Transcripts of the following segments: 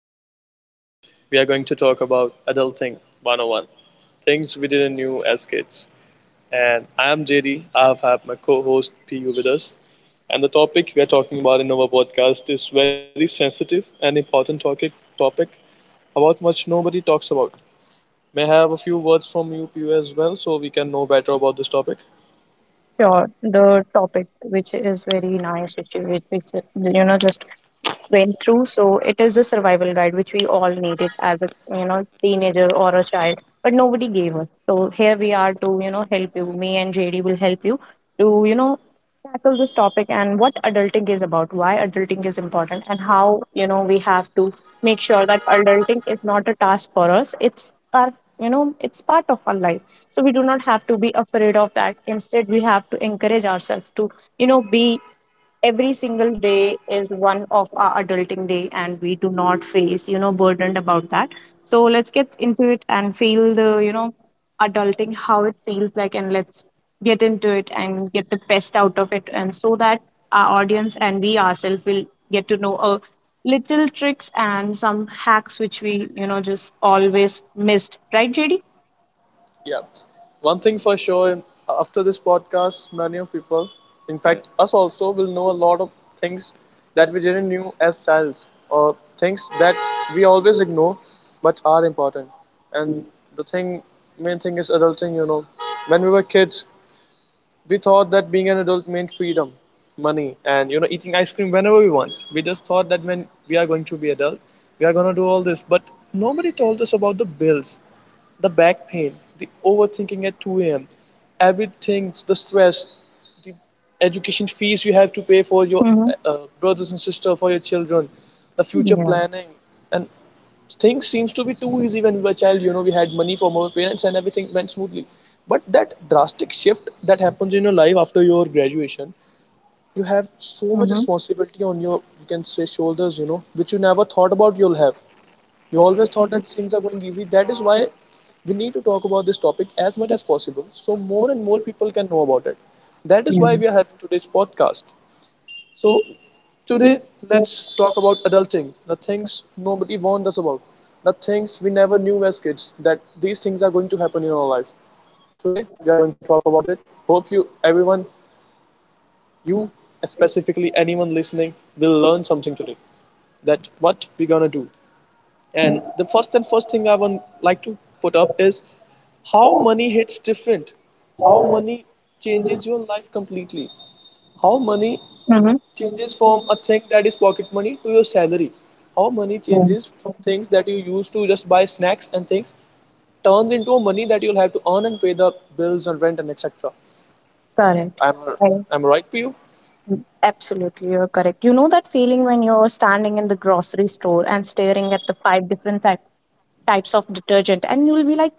And today we are going to talk about Adulting 101, things we didn't know as kids. And I am JD. I have had my co host PU with us. And the topic we are talking about in our podcast is very sensitive and important topic about much nobody talks about. May I have a few words from you, PU, as well, so we can know better about this topic? Sure, the topic, which is very nice, which you, which just went through. So it is the survival guide which we all needed as a teenager or a child, but nobody gave us. So here we are to help you. Me and JD will help you to tackle this topic, and what adulting is about, why adulting is important, and how, we have to make sure that adulting is not a task for us. It's part of our life, so we do not have to be afraid of that. Instead, we have to encourage ourselves to be. Every single day is one of our adulting day, and we do not face, burdened about that. So let's get into it and feel the, adulting, how it feels like. And let's get into it and get the best out of it, and so that our audience and we ourselves will get to know a little tricks and some hacks which we just always missed, right, JD? Yeah. One thing for sure, and after this podcast, many of people, in fact, us also, will know a lot of things that we didn't knew as childs or things that we always ignore but are important. And the thing, main thing is adulting, you know. When we were kids, we thought that being an adult meant freedom, money, and, you know, eating ice cream whenever we want. We just thought that when we are going to be adult, we are going to do all this. But nobody told us about the bills, the back pain, the overthinking at 2 a.m., everything, the stress, the education fees you have to pay for your Mm-hmm. Brothers and sisters, for your children, the future Yeah. planning, and things seems to be too easy when we were a child. You know, we had money from our parents and everything went smoothly. But that drastic shift that happens in your life after your graduation, you have so much Mm-hmm. responsibility on your, you can say, shoulders. You know, which you never thought about you'll have, you always thought that things are going easy. That is why we need to talk about this topic as much as possible so more and more people can know about it. That is why we are having today's podcast. So, today let's talk about adulting, the things nobody warned us about, the things we never knew as kids that these things are going to happen in our life. Today we are going to talk about it. Hope you, everyone, you specifically, anyone listening, will learn something today that what we're gonna do. And the first and first thing I would like to put up is how Yeah. money hits different. How money changes your life completely. How money Mhm. changes from a thing that is pocket money to your salary. How money Mm. changes from things that you used to just buy snacks and things turns into a money that you'll have to earn and pay the bills and rent and etc. Correct. I'm I- I'm right for you. Absolutely, you're correct. You know that feeling when you're standing in the grocery store and staring at the five different types of detergent, and you'll be like,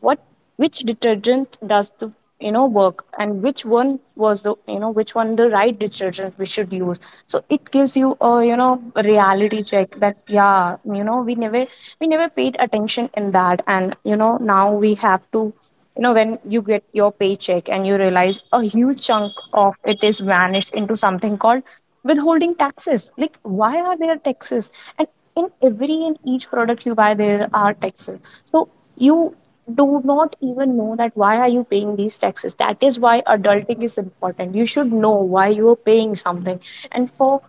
what which detergent does the work, and which one was the you know which one the right detergent we should use. So it gives you a, a reality check that, yeah, we never paid attention in that. And now we have to, when you get your paycheck and you realize a huge chunk of it is vanished into something called withholding taxes. Like, why are there taxes? And in every and each product you buy there are taxes. So you do not even know that why are you paying these taxes. That is why adulting is important. You should know why you are paying something, and for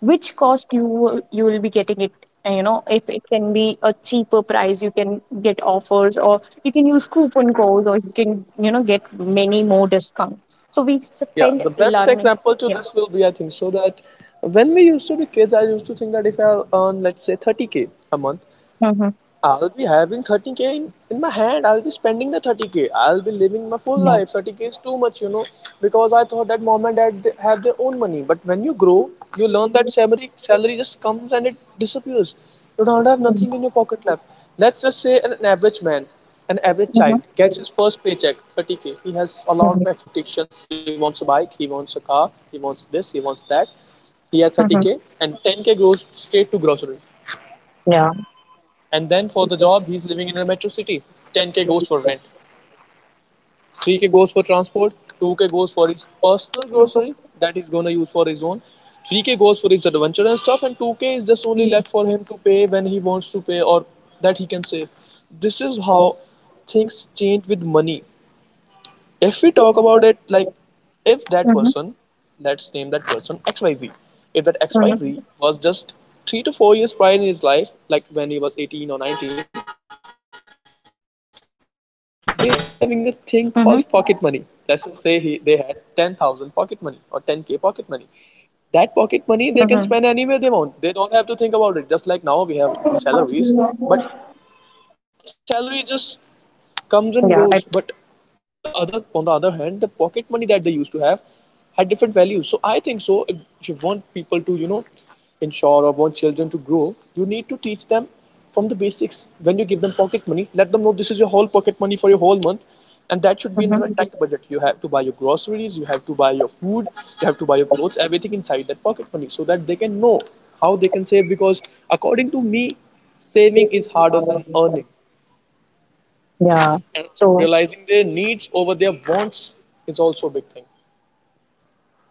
which cost you will be getting it. If it can be a cheaper price, you can get offers, or you can use coupon codes, or you can, get many more discounts. So we Yeah, spend the best learning. example to Yeah. this will be I think so that when we used to be kids, I used to think that if I earn let's say 30k a month, Mm-hmm. I'll be having 30k in my hand. I'll be spending the 30k. I'll be living my full Yeah. life. 30k is too much, you know, because I thought that mom and dad they have their own money. But when you grow, you learn that salary just comes and it disappears. You don't have Mhm. nothing in your pocket left. Let's just say average man, an average Mhm. child gets his first paycheck, 30k. He has a lot of expectations. He wants a bike. He wants a car. He wants this. He wants that. He has 30k, Mhm. and 10k goes straight to grocery, and then for the job, he's living in a metro city. 10k goes for rent, 3k goes for transport, 2k goes for his personal grocery that he's gonna use for his own, 3k goes for his adventure and stuff, and 2k is just only left for him to pay when he wants to pay or that he can save. This is how Yeah. things change with money. If we talk about it, Mhm, like, if that person, let's name that person XYZ, if that XYZ mhm, was just 3 to 4 years prior in his life, like when he was 18 or 19, they'll mhm, be having a thing called pocket money. Let's just say they had 10,000 pocket money or 10k pocket money. mhm. That pocket money they can spend anywhere they want. They don't have to think about it. Just like now we have salaries, but salary just Yeah, comes and goes. But for the other, on the other hand, the pocket money that they used to have had different values. So I think so if you want people to, you know, ensure or want children to grow, you need to teach them from the basics. When you give them pocket money, let them know this is your whole pocket money for your whole month, and that should be mhm. in a tight budget. You have to buy your groceries, you have to buy your food, you have to buy your clothes, everything inside that pocket money, so that they can know how they can save. Because according to me, saving is harder than earning. Yeah. And So realizing their needs over their wants is also a big thing.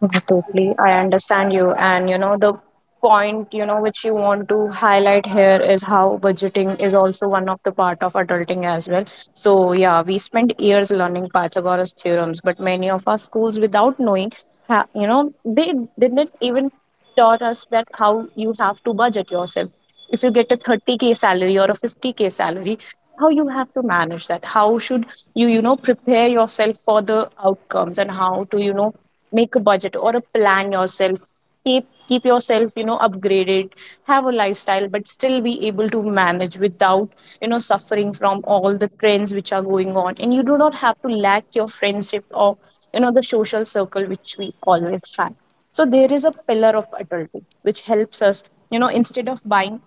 Mhm. Totally, I understand you. And, the point, which you want to highlight here is how budgeting is also one of the part of adulting as well. So yeah, we spent years learning Pythagoras theorems, but many of our schools, without knowing, they didn't even taught us that how you have to budget yourself. If you get a 30K salary or a 50K salary, how you have to manage that? How should you, prepare yourself for the outcomes, and how to, make a budget or a plan yourself, keep yourself, upgraded, have a lifestyle, but still be able to manage without, suffering from all the trends which are going on, and you do not have to lack your friendship or, the social circle which we always had. So there is a pillar of adulthood which helps us, instead of buying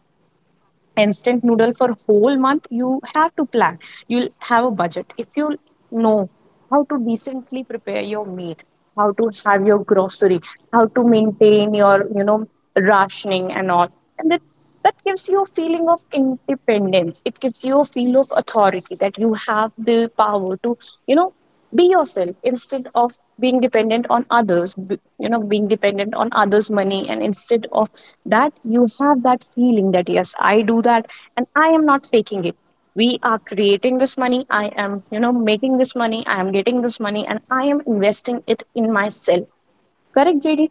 instant noodle for whole month, you have to plan. You'll have a budget if you know how to decently prepare your meat, how to have your grocery, how to maintain your, rationing and all. And that gives you a feeling of independence. It gives you a feel of authority, that you have the power to, you know be yourself, instead of being dependent on others, being dependent on others money, and instead of that, you have that feeling that, yes, I do that, and I am not faking it. We are creating this money, I am, making this money, I am getting this money, and I am investing it in myself. Correct, JD?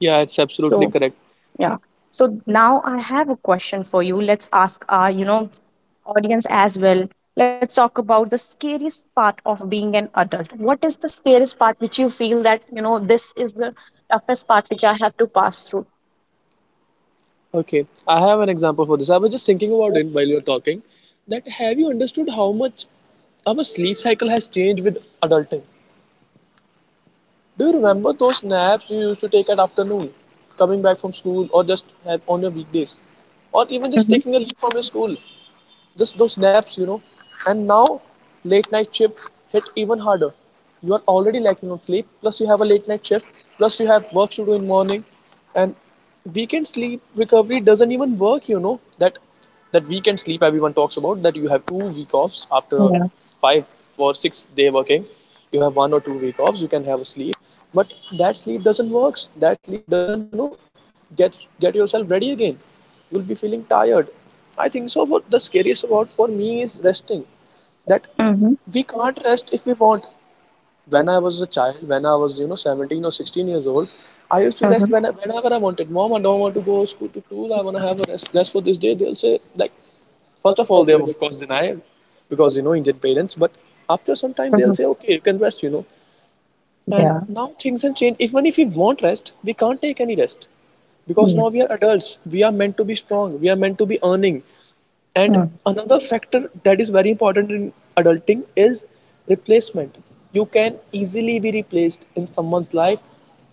Yeah, it's So, absolutely correct. yeah, so now I have a question for you. Let's ask our, audience as well. Let's talk about the scariest part of being an adult. What is the scariest part which you feel that, this is the toughest part which I have to pass through? Okay, I have an example for this. I was just thinking about it while you were talking. That have you understood how much our sleep cycle has changed with adulting? Mhm. Do you remember those naps you used to take at afternoon, coming back from school, or just have on your weekdays, or even just taking a Mhm. leave from your school? Just those naps, you know. And now late night shift hit even harder. You are already lacking on sleep, plus you have a late night shift, plus you have work to do in morning, and weekend sleep recovery doesn't even work, you know. That weekend sleep everyone talks about, that you have 2 week offs after a Yeah. 5 or 6 day working, you have 1 or 2 week Mhm. offs, you can have a sleep. But that sleep doesn't work. That sleep doesn't, you know, get get yourself ready again, you'll be feeling tired. I think so. What the scariest about for me is resting. That Mhm. we can't rest if we want. When I was a child, when I was you know 17 or 16 years old, I used to rest Mhm. when whenever I wanted. Mom, I don't want to go school to school. I want to have a rest for this day. They'll say like, first of all they have of course denied because you know Indian parents, but after some time Mhm. they'll say okay you can rest, you know. And Yeah. now things have changed. Even if we want rest, we can't take any rest because Yeah. now we are adults. We are meant to be strong. We are meant to be earning. And Mm. another factor that is very important in adulting is replacement. You can easily be replaced in someone's life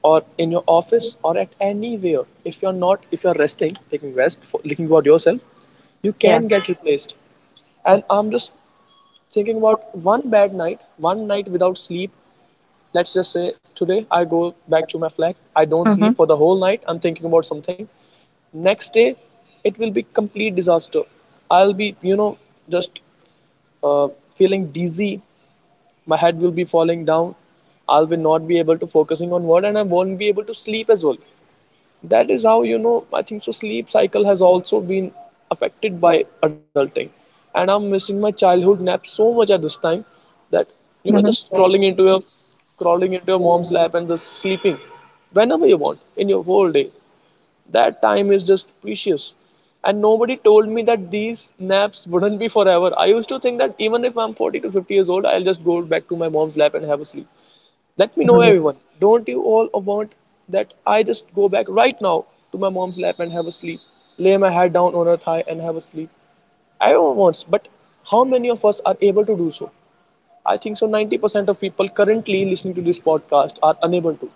or in your office or at anywhere. If you're not, if you're resting, taking rest, for, thinking about yourself, you Yeah. can get replaced. And I'm just thinking about one bad night, one night without sleep, let's just say today I go back to my flat, I don't Mhm. sleep for the whole night, I'm thinking about something. Next day, it will be complete disaster. I'll be, you know, just uh, feeling dizzy. My head will be falling down. I'll be not be able to focusing on what, and I won't be able to sleep as well. That is how, you know, I think so sleep cycle has also been affected by adulting, and I'm missing my childhood nap so much at this time. That, you know, Mhm. just crawling into your mom's Mhm. lap and just sleeping whenever you want in your whole day, that time is just precious. And nobody told me that these naps wouldn't be forever. I used to think that even if I'm 40 to 50 years old, I'll just go back to my mom's lap and have a sleep. Let me know, everyone. Don't you all want that I just go back right now to my mom's lap and have a sleep? Lay my head down on her thigh and have a sleep? Everyone wants, but how many of us are able to do so? I think so 90% of people currently listening to this podcast are unable to.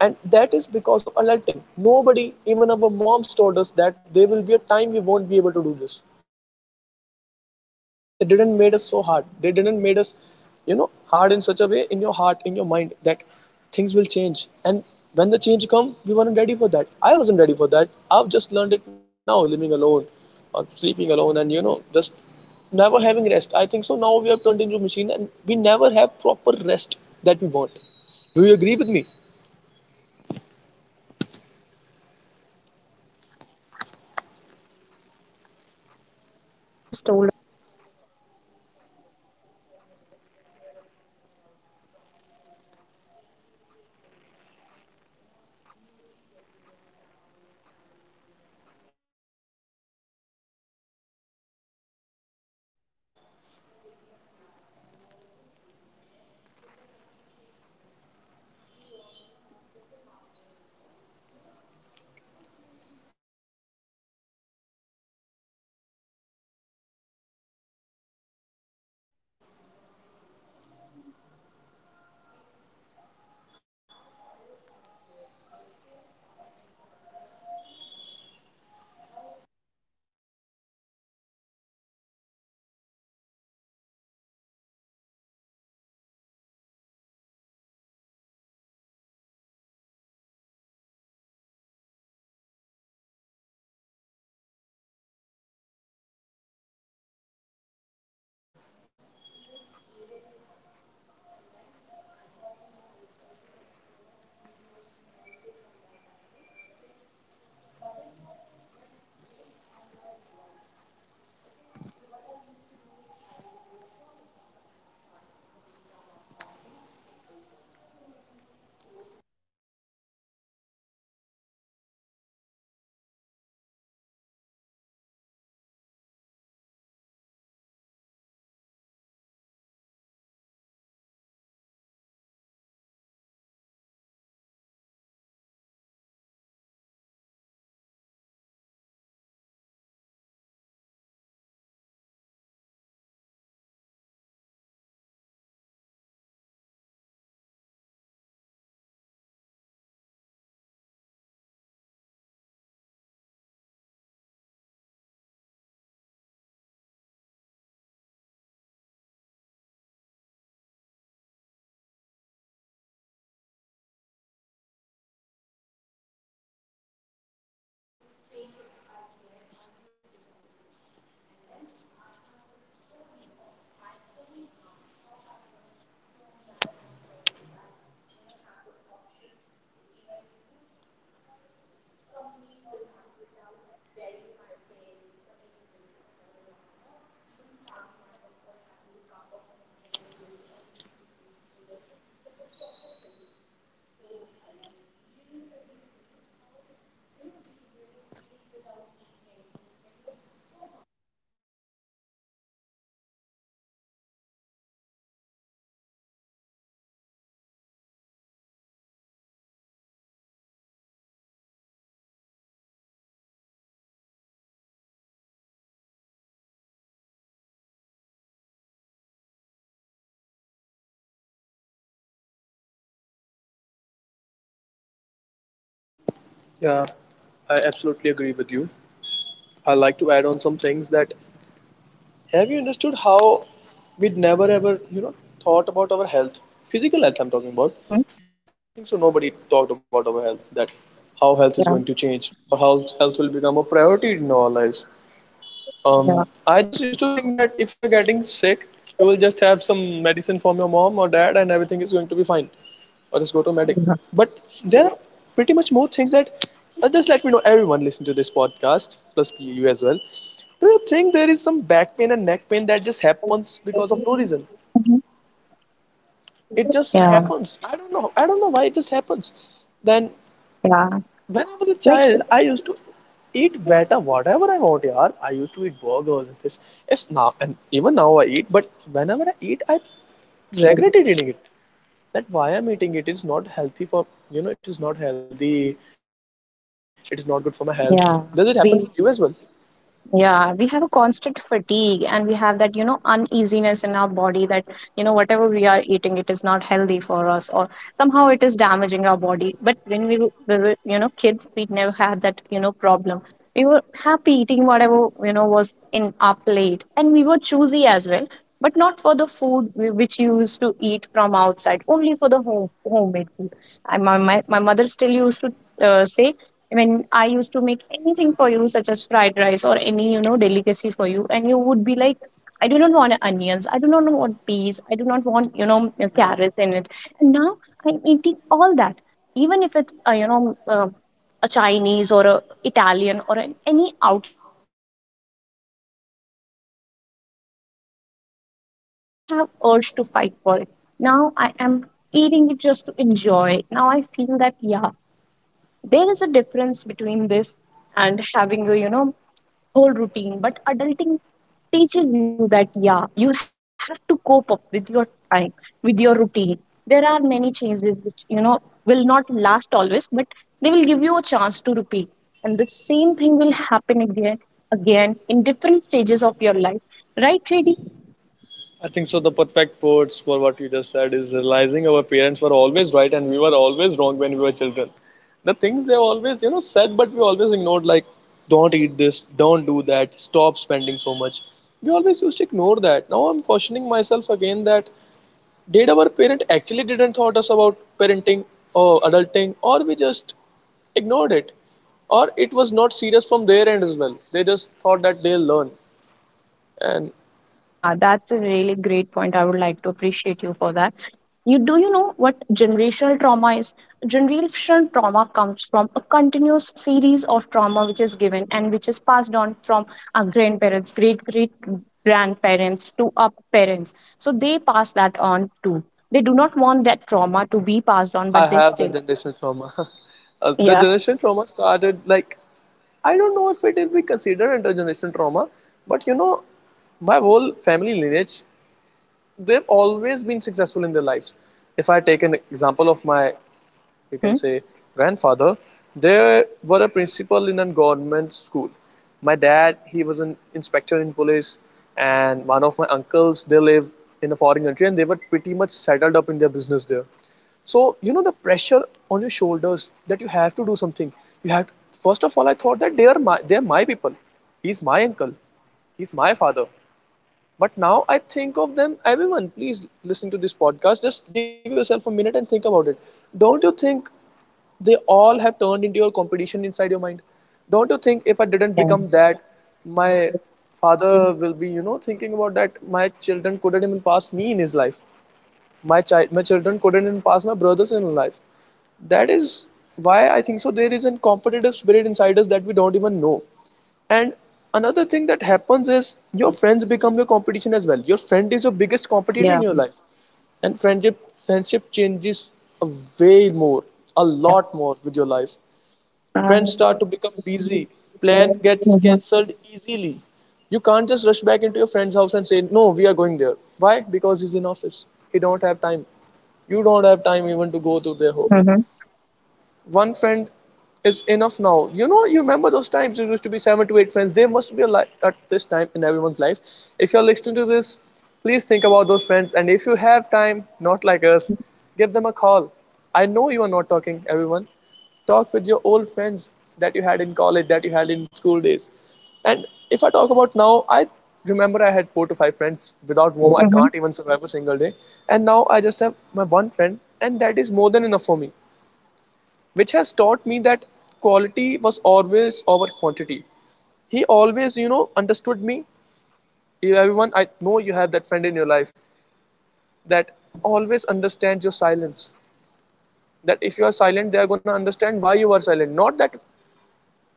And that is because of alerting. Nobody, even our moms, told us that there will be a time we won't be able to do this. They didn't made us so Mhm. hard, they didn't made us, you know, hard in such a way in your heart, in your mind, that things will change. And when the change come, we weren't ready for that. I wasn't ready for that. I've just learned it now, living alone or sleeping alone and, you know, just never having rest. I think so now we have turned into a machine and we never have proper rest that we want. Do you agree with me? Yes, I totally agree with you and understand your points as well, and I can relate with them as well. The thing which you just told about the slave cycle, the FOMO, that the fear of missing out from people's life, and being easily replaced by other, you know, new people in your town, in your family, in your, neighborhood. If it was just, I'll give you a small example, such as, being in a class and you were a good student, and then there's another exchange student and he or she has better marks than you. All the, you know good thing which you had, they also have it, but they are just a little better than you, just a little smarter than you, and all the, attention, your friend group, everything is divided now. Like, I always had a fear. The scariest part of being adult was, how will I budget myself? How, I will have the money to continue, the journey? How will I continue my journey, and how will I have the money to spend on myself if I have a 15 or, 20K salary? How will I be able to manage myself? How will I be, mean, even able to manage myself? And then I got to know. I will also like to, give you a small tip on that as well. Like, budget yourself, but based on your requirements. Okay, so what I used to do is, I'll give you a short example and a short, breakdown of budgeting. It is just a, you can say a pro tip, or you can say a, small tip which I have learned after the few, you know after few years of, budgeting, and after, starting earning money. So I have got to know that, if you want to have a good plan about the whole month or a week, you should divide it in three parts. 50 30, 20 rule, that is the rule which I have learned from Instagram reels, but that really has helped me a lot. So how I do it: 50% for my needs, such as rents, bill, taxes and all; 30% for hobbies and dining out with my friends and hanging out; 20% for savings and debts. So that is how I, break down my whole salary, or, I'll say, whatever savings I have, whatever paycheck I get, I just divide it in there. And then I have the story of my whole month, how I'm gonna, manage myself, if I'll, have the option to even, complete the month without begging my parents or anybody for the money, or even starving myself, or having a cup of ramen noodles or instant noodles instead of a proper healthy meal. So I guess JD will agree with me how it, feels when you sleep without eating anything, when you're so hungry, you're tired, you're hungry, you want to sleep, but you still you still have that feeling, you still have that feeling, like, you know just give yourself some time. And you think, like, I'm earning this so that I can have a full stuff, but I do not have time to buy grocery, or I do not have money to buy grocery, right, JD? Yeah, I absolutely agree with you. I like to add on some things that have you understood how we'd never ever, you know, thought about our health? Physical health, I'm talking about. Mm-hmm. I think so. Nobody talked about our health, that how health Yeah, is going to change or how health will become a priority in our lives. yeah, I just used to think that if you are getting sick, you will just have some medicine from your mom or dad and everything is going to be fine. Or just go to a medic. yeah. But there are pretty much more things that just let me know everyone listening to this podcast, plus you as well. Do you think there is some back pain and neck pain that just happens because of no reason? Mhm. It just Yeah, happens. I don't know. I don't know why it just happens. Then yeah. when I was a Like child, it's I used to eat better whatever I want, yaar. I used to eat burgers and this. If now and even now I eat, but whenever I eat, I regretted eating it. That why I'm eating it is not healthy for you know. It is not healthy. It is not good for my health. Yeah. Does it happen We with you as well? Yeah, we have a constant fatigue, and we have that, uneasiness in our body, that, whatever we are eating, it is not healthy for us, or somehow it is damaging our body. But when we were, kids, we never had that, problem. We were happy eating whatever, was in our plate, and we were choosy as well, but not for the food which you used to eat from outside, only for the homemade food. My mother still used to, say, I mean, I used to make anything for you, such as fried rice or any, delicacy for you, and you would be like, I do not want onions, I do not want peas, I do not want, carrots in it. And now I'm eating all that, even if it's a Chinese or a Italian or any outside street food. I still see those things, but now I am not choosing. I do not have urge to fight for it. Now I am eating it just to enjoy it. Now I feel that yeah, there is a difference between this and having a whole routine, but adulting teaches you that yeah, you have to cope up with your time, with your routine. There are many changes which, you know, will not last always, but they will give you a chance to repeat, and the same thing will happen again, again in different stages of your life, right, Shady? I think so. The perfect words for what you just said is realizing our parents were always right and we were always wrong when we were children. The things they always, you know, said, but we always ignored, like, don't eat this, don't do that, stop spending so much. We always used to ignore that. Now I'm questioning myself again that did our parent actually didn't thought us about parenting or adulting, or we just ignored it, or it was not serious from their end as well. They just thought that they'll learn, and Yeah, yeah, that's a really great point. I would like to appreciate you for that. You do you know what generational trauma is? Generational trauma comes from a continuous series of trauma which is given and which is passed on from our grandparents, great great grandparents to our parents. So they pass that on too. They do not want that trauma to be passed on, I but they have the still. generational trauma. The Yeah. generational trauma started like I don't know if it will be considered intergenerational trauma, but you know, my whole family lineage, they've always been successful in their lives. If I take an example of my, you can Mm-hmm. say, grandfather, they Yeah. were a principal in a government school. My dad, he was an inspector in police, and one of my uncles, they live in a foreign country and they were pretty much settled up in their business there. So you know the pressure on your shoulders that you have to do something, you have to, first of all, I thought that they're my people. He's my uncle, Yeah. he's my father. But now I think of them, everyone, please listen to this podcast. Just give yourself a minute and think about it. Don't you think they all have turned into your competition inside your mind? Don't you think if I didn't Yeah. become that, my father will be, you know, thinking about that my children couldn't even pass me in his life? My children couldn't even pass my brothers in life. That is why I think so there is a competitive spirit inside us that we don't even know. And another thing that happens is Mhm. your friends become your competition as well. Your friend is your biggest competitor in Yeah. your life. And friendship changes a way more, a lot more with your life. Friends start Uh, to become busy. Plan gets mhm. cancelled easily. You can't just rush back into your friend's house and say, "No, we are going there." Why? Because he's in office. He don't have time. You don't have time even to go to their home. Mhm, One friend is enough now. You know, you remember those times there used to be seven to eight friends. They must be alive at this time in everyone's life. If you're listening to this, please think about those friends. And if you have time, not like us, Mhm. give them a call. I know you are not talking, everyone. Talk with your old friends that you had in college, that you had in school days. And if I talk about now, I remember I had four to five friends. Without whom I can't Mhm. even survive a single day. And now I just have my one friend, and that is more than enough for me, which has taught me that quality was always over quantity. He always, you know, understood me. Everyone, I know you have that friend in your life that Yeah. always understands your silence. That if you are silent, they are going to understand why you are silent. Not that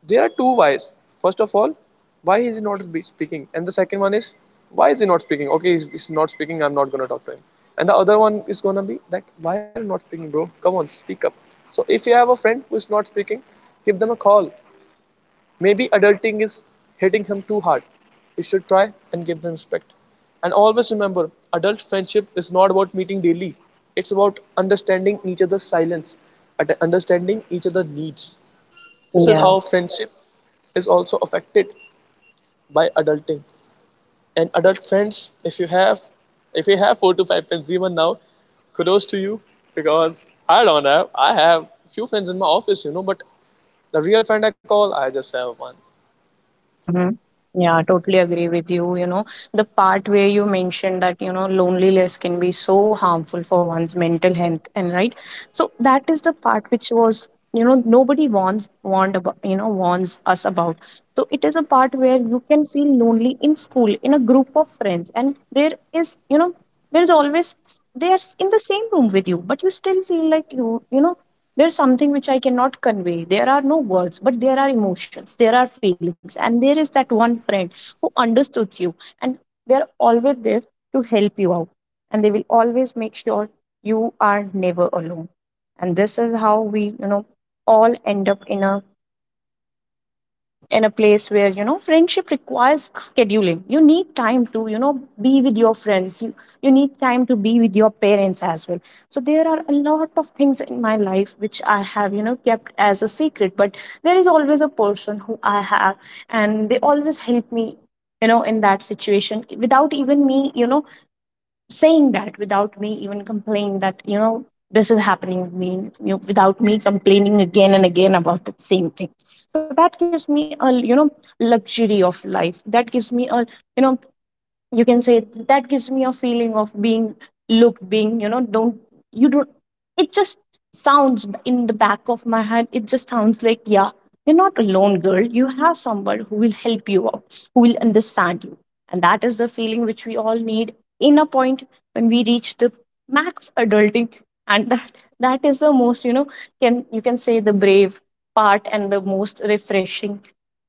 there are two whys. First of all, why is he not speaking? And the second one is, why is he not speaking? Okay, he's not speaking, I'm not going to talk to him. And the other one is going to be that, why are you not speaking, bro? Come on, speak up. So if you have a friend who is not speaking, give them a call. Maybe adulting is hitting him too hard. You should try and give them respect. And always remember, adult friendship is not about meeting daily. It's about understanding each other's silence, understanding each other's needs. This is Yeah. how friendship is also affected by adulting. And adult friends, if you have four to five friends even now, kudos to you because I don't have. I have few friends in my office, you know, but the real friend I call, I just have one. Mm-hmm. Yeah, I totally agree with you. You know, the part where you mentioned that, you know, loneliness can be so harmful for one's mental health, and right. So that is the part which was, you know, nobody warns warned about, you know, warns us about. So it is a part where you can feel lonely in school, in a group of friends, and there is, you know, there is always, they are in the same room with you, but you still feel like you know, there's something which I cannot convey. There are no words, but there are emotions, there are feelings. And there is that one friend who understood you, and they are always there to help you out. And they will always make sure you are never alone. And this is how we, you know, all end up in a place where, you know, friendship requires scheduling. You need time to, you know, be with your friends, you need time to be with your parents as well. So there are a lot of things in my life which I have, you know, kept as a secret, but there is always a person who I have, and they always help me, you know, in that situation without even me, you know, saying that, without me even complaining that, you know, this is happening with me, you know, without me complaining again and again about the same thing. So that gives me a, you know, luxury of life, that gives me a, you know, you can say that gives me a feeling of being looked, being, you know, don't, you don't, it just sounds in the back of my head, it just sounds like, yeah, you're not alone, girl. You have someone who will help you out, who will understand you. And that is the feeling which we all need in a point when we reach the max adulting. And that is the most, you know, can, you can say the brave part, and the most refreshing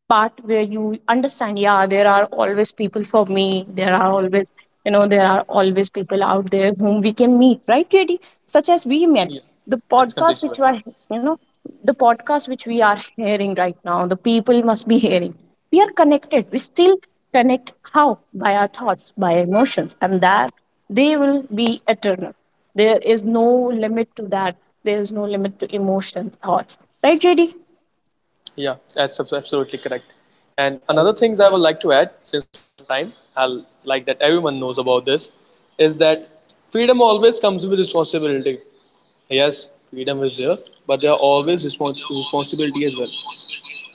part where you understand, yeah, there are always people for me. There are always, you know, there are always people out there whom we can meet, right, JD? Such as we Yeah, met. The that's completely podcast right. which we are, you know, the podcast which we are hearing right now, the people must be hearing. We are connected. We still connect how? By our thoughts, by emotions, and that they will be eternal. There is no limit to that. There is no limit to emotion, thoughts. Right, JD? Yeah, that's absolutely correct. And another things I would like to add, since it's time, I'll like that everyone knows about this, is that freedom always comes with responsibility. Yes, freedom is there, but there are always responsibility as well.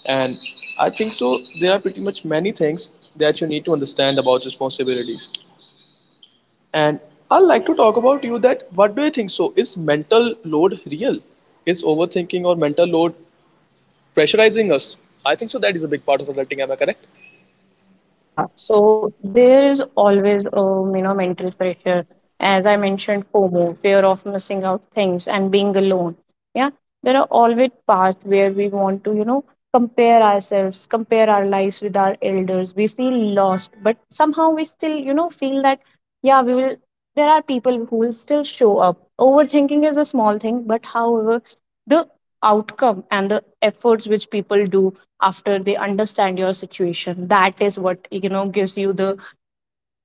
And I think so. There are pretty much many things that you need to understand about responsibilities. And I'd like to talk about you that what do you think? So, is mental load real? Is overthinking or mental load pressurizing us? I think so. That is a big part of adulting. Am I correct? Yeah, so there is always you know, mental pressure, as I mentioned, FOMO, fear of missing out things and being alone. Yeah, there are always parts where we want to, you know, compare ourselves, compare our lives with our elders. We feel lost, but somehow we still, you know, feel that yeah, we will. There are people who will still show up. Overthinking is a small thing, but however, the outcome and the efforts which people do after they understand your situation, that is what, you know, gives you the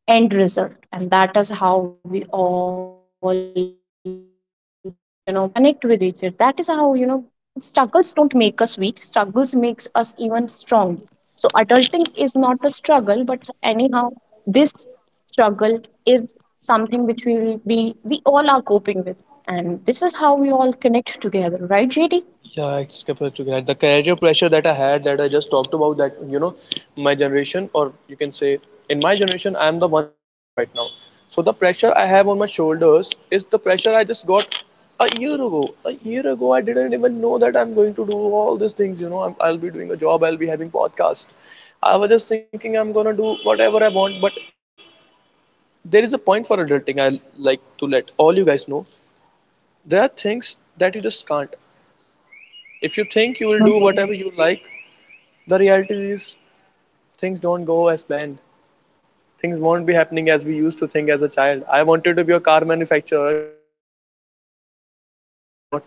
end result. And that is how we all, you know, connect with each other. That is how, you know, struggles don't make us weak, struggles makes us even strong. So adulting is not a struggle, but anyhow, this struggle is something which we will be, we all are coping with. And this is how we all connect together, right, JD? Yeah, it's compared to that. The career pressure that I had, that I just talked about, that you know, my generation, or you can say, in my generation, I'm the one lacking behind right now. So the pressure I have on my shoulders is the pressure I just got a year ago. A year ago, I didn't even know that I'm going to do all these things. You know, I'll be doing a job, I'll be having podcast. I was just thinking I'm gonna do whatever I want, but there is a point for adulting. I like to let all you guys know there are things that you just can't. If you think you will do Mhm. whatever you like, the reality is things don't go as planned. Things won't be Yeah, happening as we used to think as a child. I wanted to be a car manufacturer, a car brand enthusiast, but yeah. I'm not.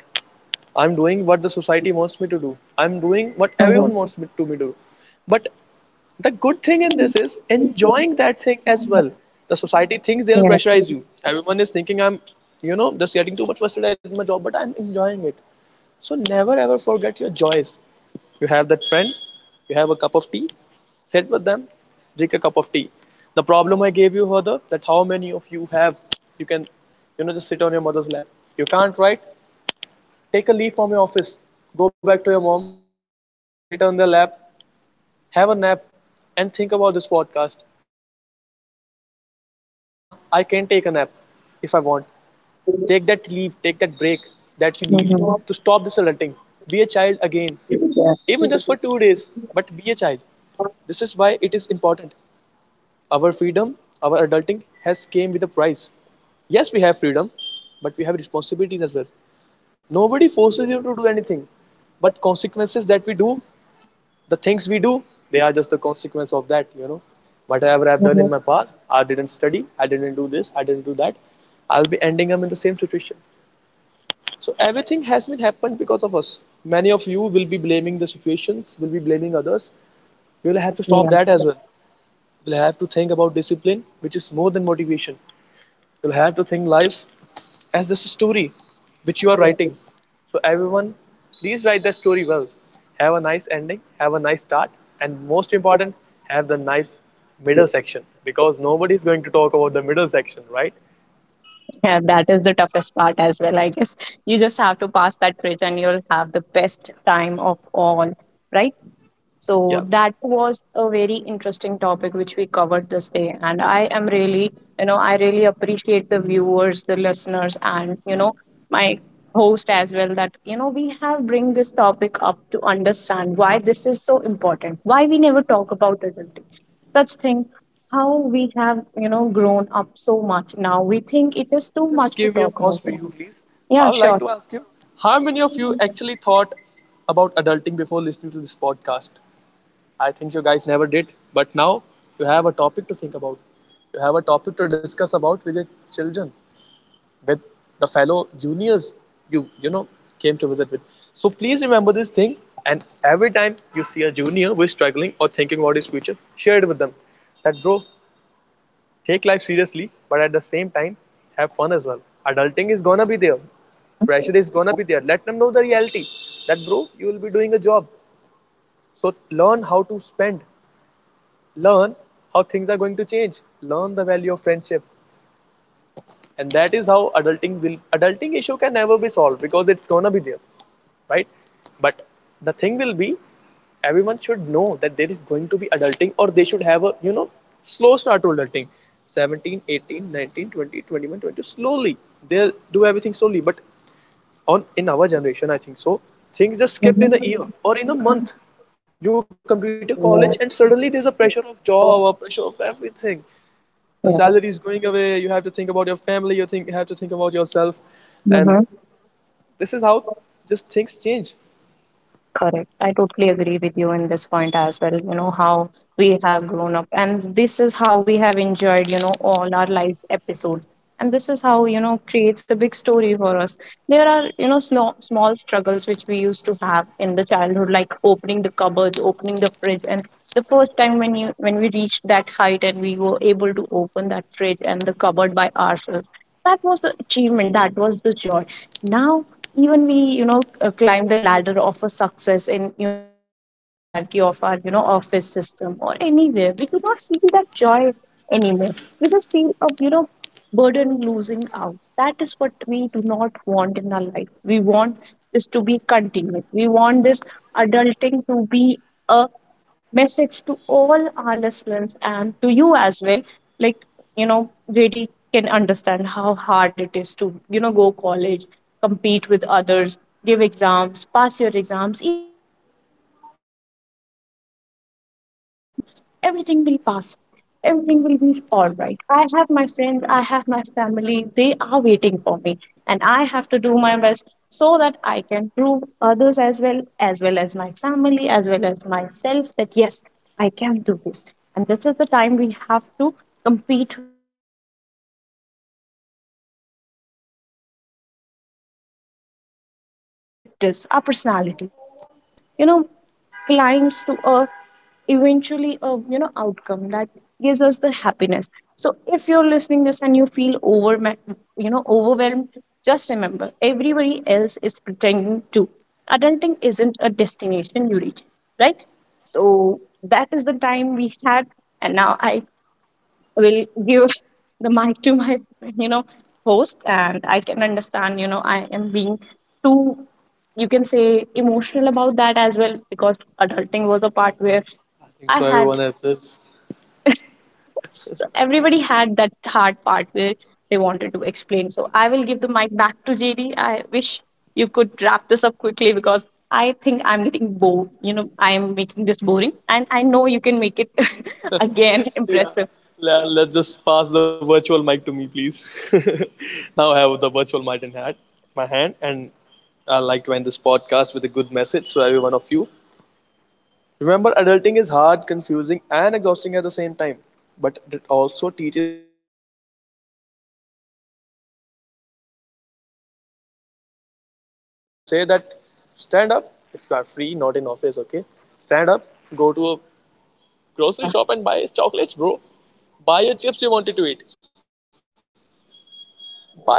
I'm doing what the society wants me to do. I'm doing what everyone wants me to do. But the good thing in Mhm. this is Yeah. enjoying that thing as well. The society thinks they'll pressurize you. Everyone is thinking I'm, you know, just getting too much frustrated at my job, but I'm enjoying it. So never ever forget your joys. You have that friend, you have a cup of tea, sit with them, drink a cup of tea. The problem I gave you further that how many of you have, you can, you know, just sit on your mother's lap. You can't, write, take a leaf Mhm. from your office, go back to your mom, Yeah. sit on their lap, have a nap, and think about this podcast. That yeah, I can take a nap if I want. Take that leave, take that break that you need to Mhm. stop this adulting. Be a child again, even Yeah. just for 2 days, but be a child. This is why it is important. Our freedom, our adulting has came with a price. Yes, we have freedom, but we have responsibilities as well. Nobody forces you to do anything, but consequences that we do, the things we do, they are just the consequence of that, you know, whatever I've done Mhm. in my past, I didn't study, I didn't do this, I didn't do that, I'll be ending up in the same situation. So everything has been happened because of us. Many of you will be blaming the situations, will be blaming others. We will have to stop that Yeah. as well. We'll have to think about discipline, which is more than motivation. You'll have to think life as this story which you are writing. So, everyone, please write the story well. Have a nice ending, have a nice start, and most important, have the nice middle section because nobody is going to talk about the middle section, right? Yeah, that is the toughest part as well. I guess you just have to pass that bridge and you'll have the best time of all, right? Yeah. So that was a very interesting topic which we covered this day. And I am really, you know, I really appreciate the viewers, the listeners, and, you know, my host as well, that, you know, we have bring this topic up to understand why this is so important, why we never talk about adulting, such things, how we have, you know, grown up so much now. We think it is too Just much to give me a talk pause about. for you, please. Yeah, I would like sure. to ask you how many of you actually thought about adulting before listening to this podcast? I think you guys never did, but now you have a topic to think about. You have a topic to discuss about with your children with the fellow juniors you you know came to visit with. So please remember this thing, and every time you see a junior who is struggling or thinking about his future, share it with them that bro, take life seriously, but at the same time have fun as well. Adulting is gonna be there, Hmm. pressure is gonna be there. Let them know the reality that bro, you will be doing a job, so learn how to spend, learn how things are going to change, learn the value of friendship. And that is how adulting issue can never be solved because it's gonna be there, right? But the thing will be, everyone should know that there is going to be adulting, or they should have a slow start to adulting. 17, 18, 19, 20, 21, 22, slowly they'll do everything slowly. But on in Yeah. our generation, I think so, things just skipped in a year or in a month. Mhm. You complete your Yeah. college and suddenly there's a pressure of Yeah. job or pressure of everything. The salary is going away, you have to think about your family, you think have to think about yourself. And Mm-hmm. this is how just things change. Correct. I totally agree with you in this point as well. You know, how we have grown up, and this is how we have enjoyed, you know, all our lives episode. And this is how, you know, creates a big story for us. There are, you know, small struggles which we used to have in the childhood, like opening the cupboards, opening the fridge. And the first time when when we reached that height and we were able to open that fridge and the cupboard by ourselves, that was the achievement, that was the joy. Now, even we, you know, climb the ladder of a success in, you know, even in the hierarchy of our, you know, office system or anywhere, we do not feel that joy anymore. We just feel a, you know, burden losing out. That is what we do not want in our life. We want this to be continued. We want this adulting to be a message to all our listeners and to you as well, like, you know, really can understand how hard it is to, you know, go college, compete with others, give exams, pass your exams. Even if you fail, you have that, you know, hunch, that feeling that everything will pass. Everything will be all right. I have my friends, I have my family, they are waiting for me, and I have to do my best so that I can prove others as well, as well as my family, as well as myself, that yes, I can do this. And this is the time we have to compete with ourselves, not just ourselves, but our environment, our thinking, our perspectives, our personality. And this is how all, you know, climbs to a, eventually a, you know, outcome that gives us the happiness. So if you're listening this and you feel over, you know, overwhelmed, just remember, everybody else is pretending too. Adulting isn't a destination you reach, right? So that is the time we had, and now I will give the mic to my, you know, host, and I can understand, you know, I am being too, you can say, emotional about that as well, because adulting was a part where I think I for had everyone else it's so everybody had that hard part where they wanted to explain. So I will give the mic back to JD. I wish you could wrap this up quickly because I think I'm getting bored. You know, I'm making this boring, and I know you can make it again yeah impressive. let's just pass the virtual mic to me, please. Now I have the virtual Yeah, mic in hand my hand and I like to end this podcast with a good message for every one of you. Remember, adulting is hard, confusing, and exhausting at the same time, but it also teaches us independence, self-respect, and growth. Now you can buy as much chocolates as you want. I'll say that, stand up if you are free, not in office, okay? Stand up, go to a grocery yeah. shop and buy chocolates, bro. Buy your chips you wanted to eat. Is it? Buy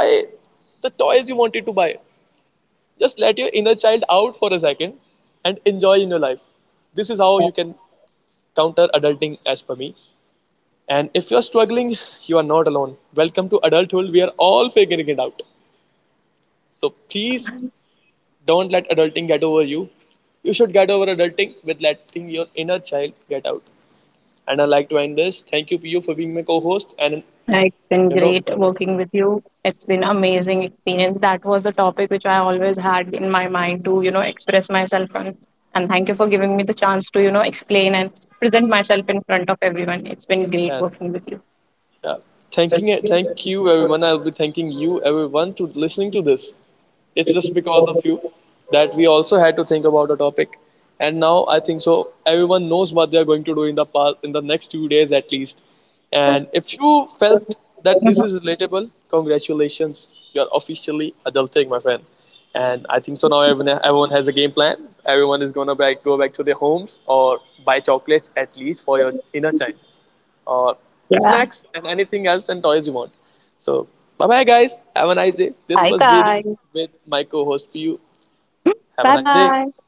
the toys you wanted to buy. Just let your inner child out for a second and enjoy in your life. This is how you can counter adulting as per me. And if you're struggling, you are not alone. Welcome to adulthood. We are all figuring it out. So please, Yeah. don't let adulting get over you. You should get over adulting with letting your inner child get out. And I like to end this. Thank you, PU, for being my co-host. Yeah, it's been you know, great working with you. It's been amazing experience. That was the topic which I always had in my mind to, you know, express myself on. And thank you for giving me the chance to, you know, explain and present myself in front of everyone. It's been and great working with you. yeah, thank you everyone. I'll be thanking you everyone to listening to this. It's just because of you that we also had to think about the topic. And now I think so everyone knows what they are going to do in the past in the next 2 days at least. And if you felt that this is relatable, congratulations. You're officially adulting, my friend. And I think so now everyone has a game plan. Everyone is go back to their homes or buy chocolates at least for your inner child or Yeah. snacks and anything else and toys you want. So, bye bye, guys. Have a nice day. This Bye was JD guys. with my co host PU. Have a Bye nice day. bye.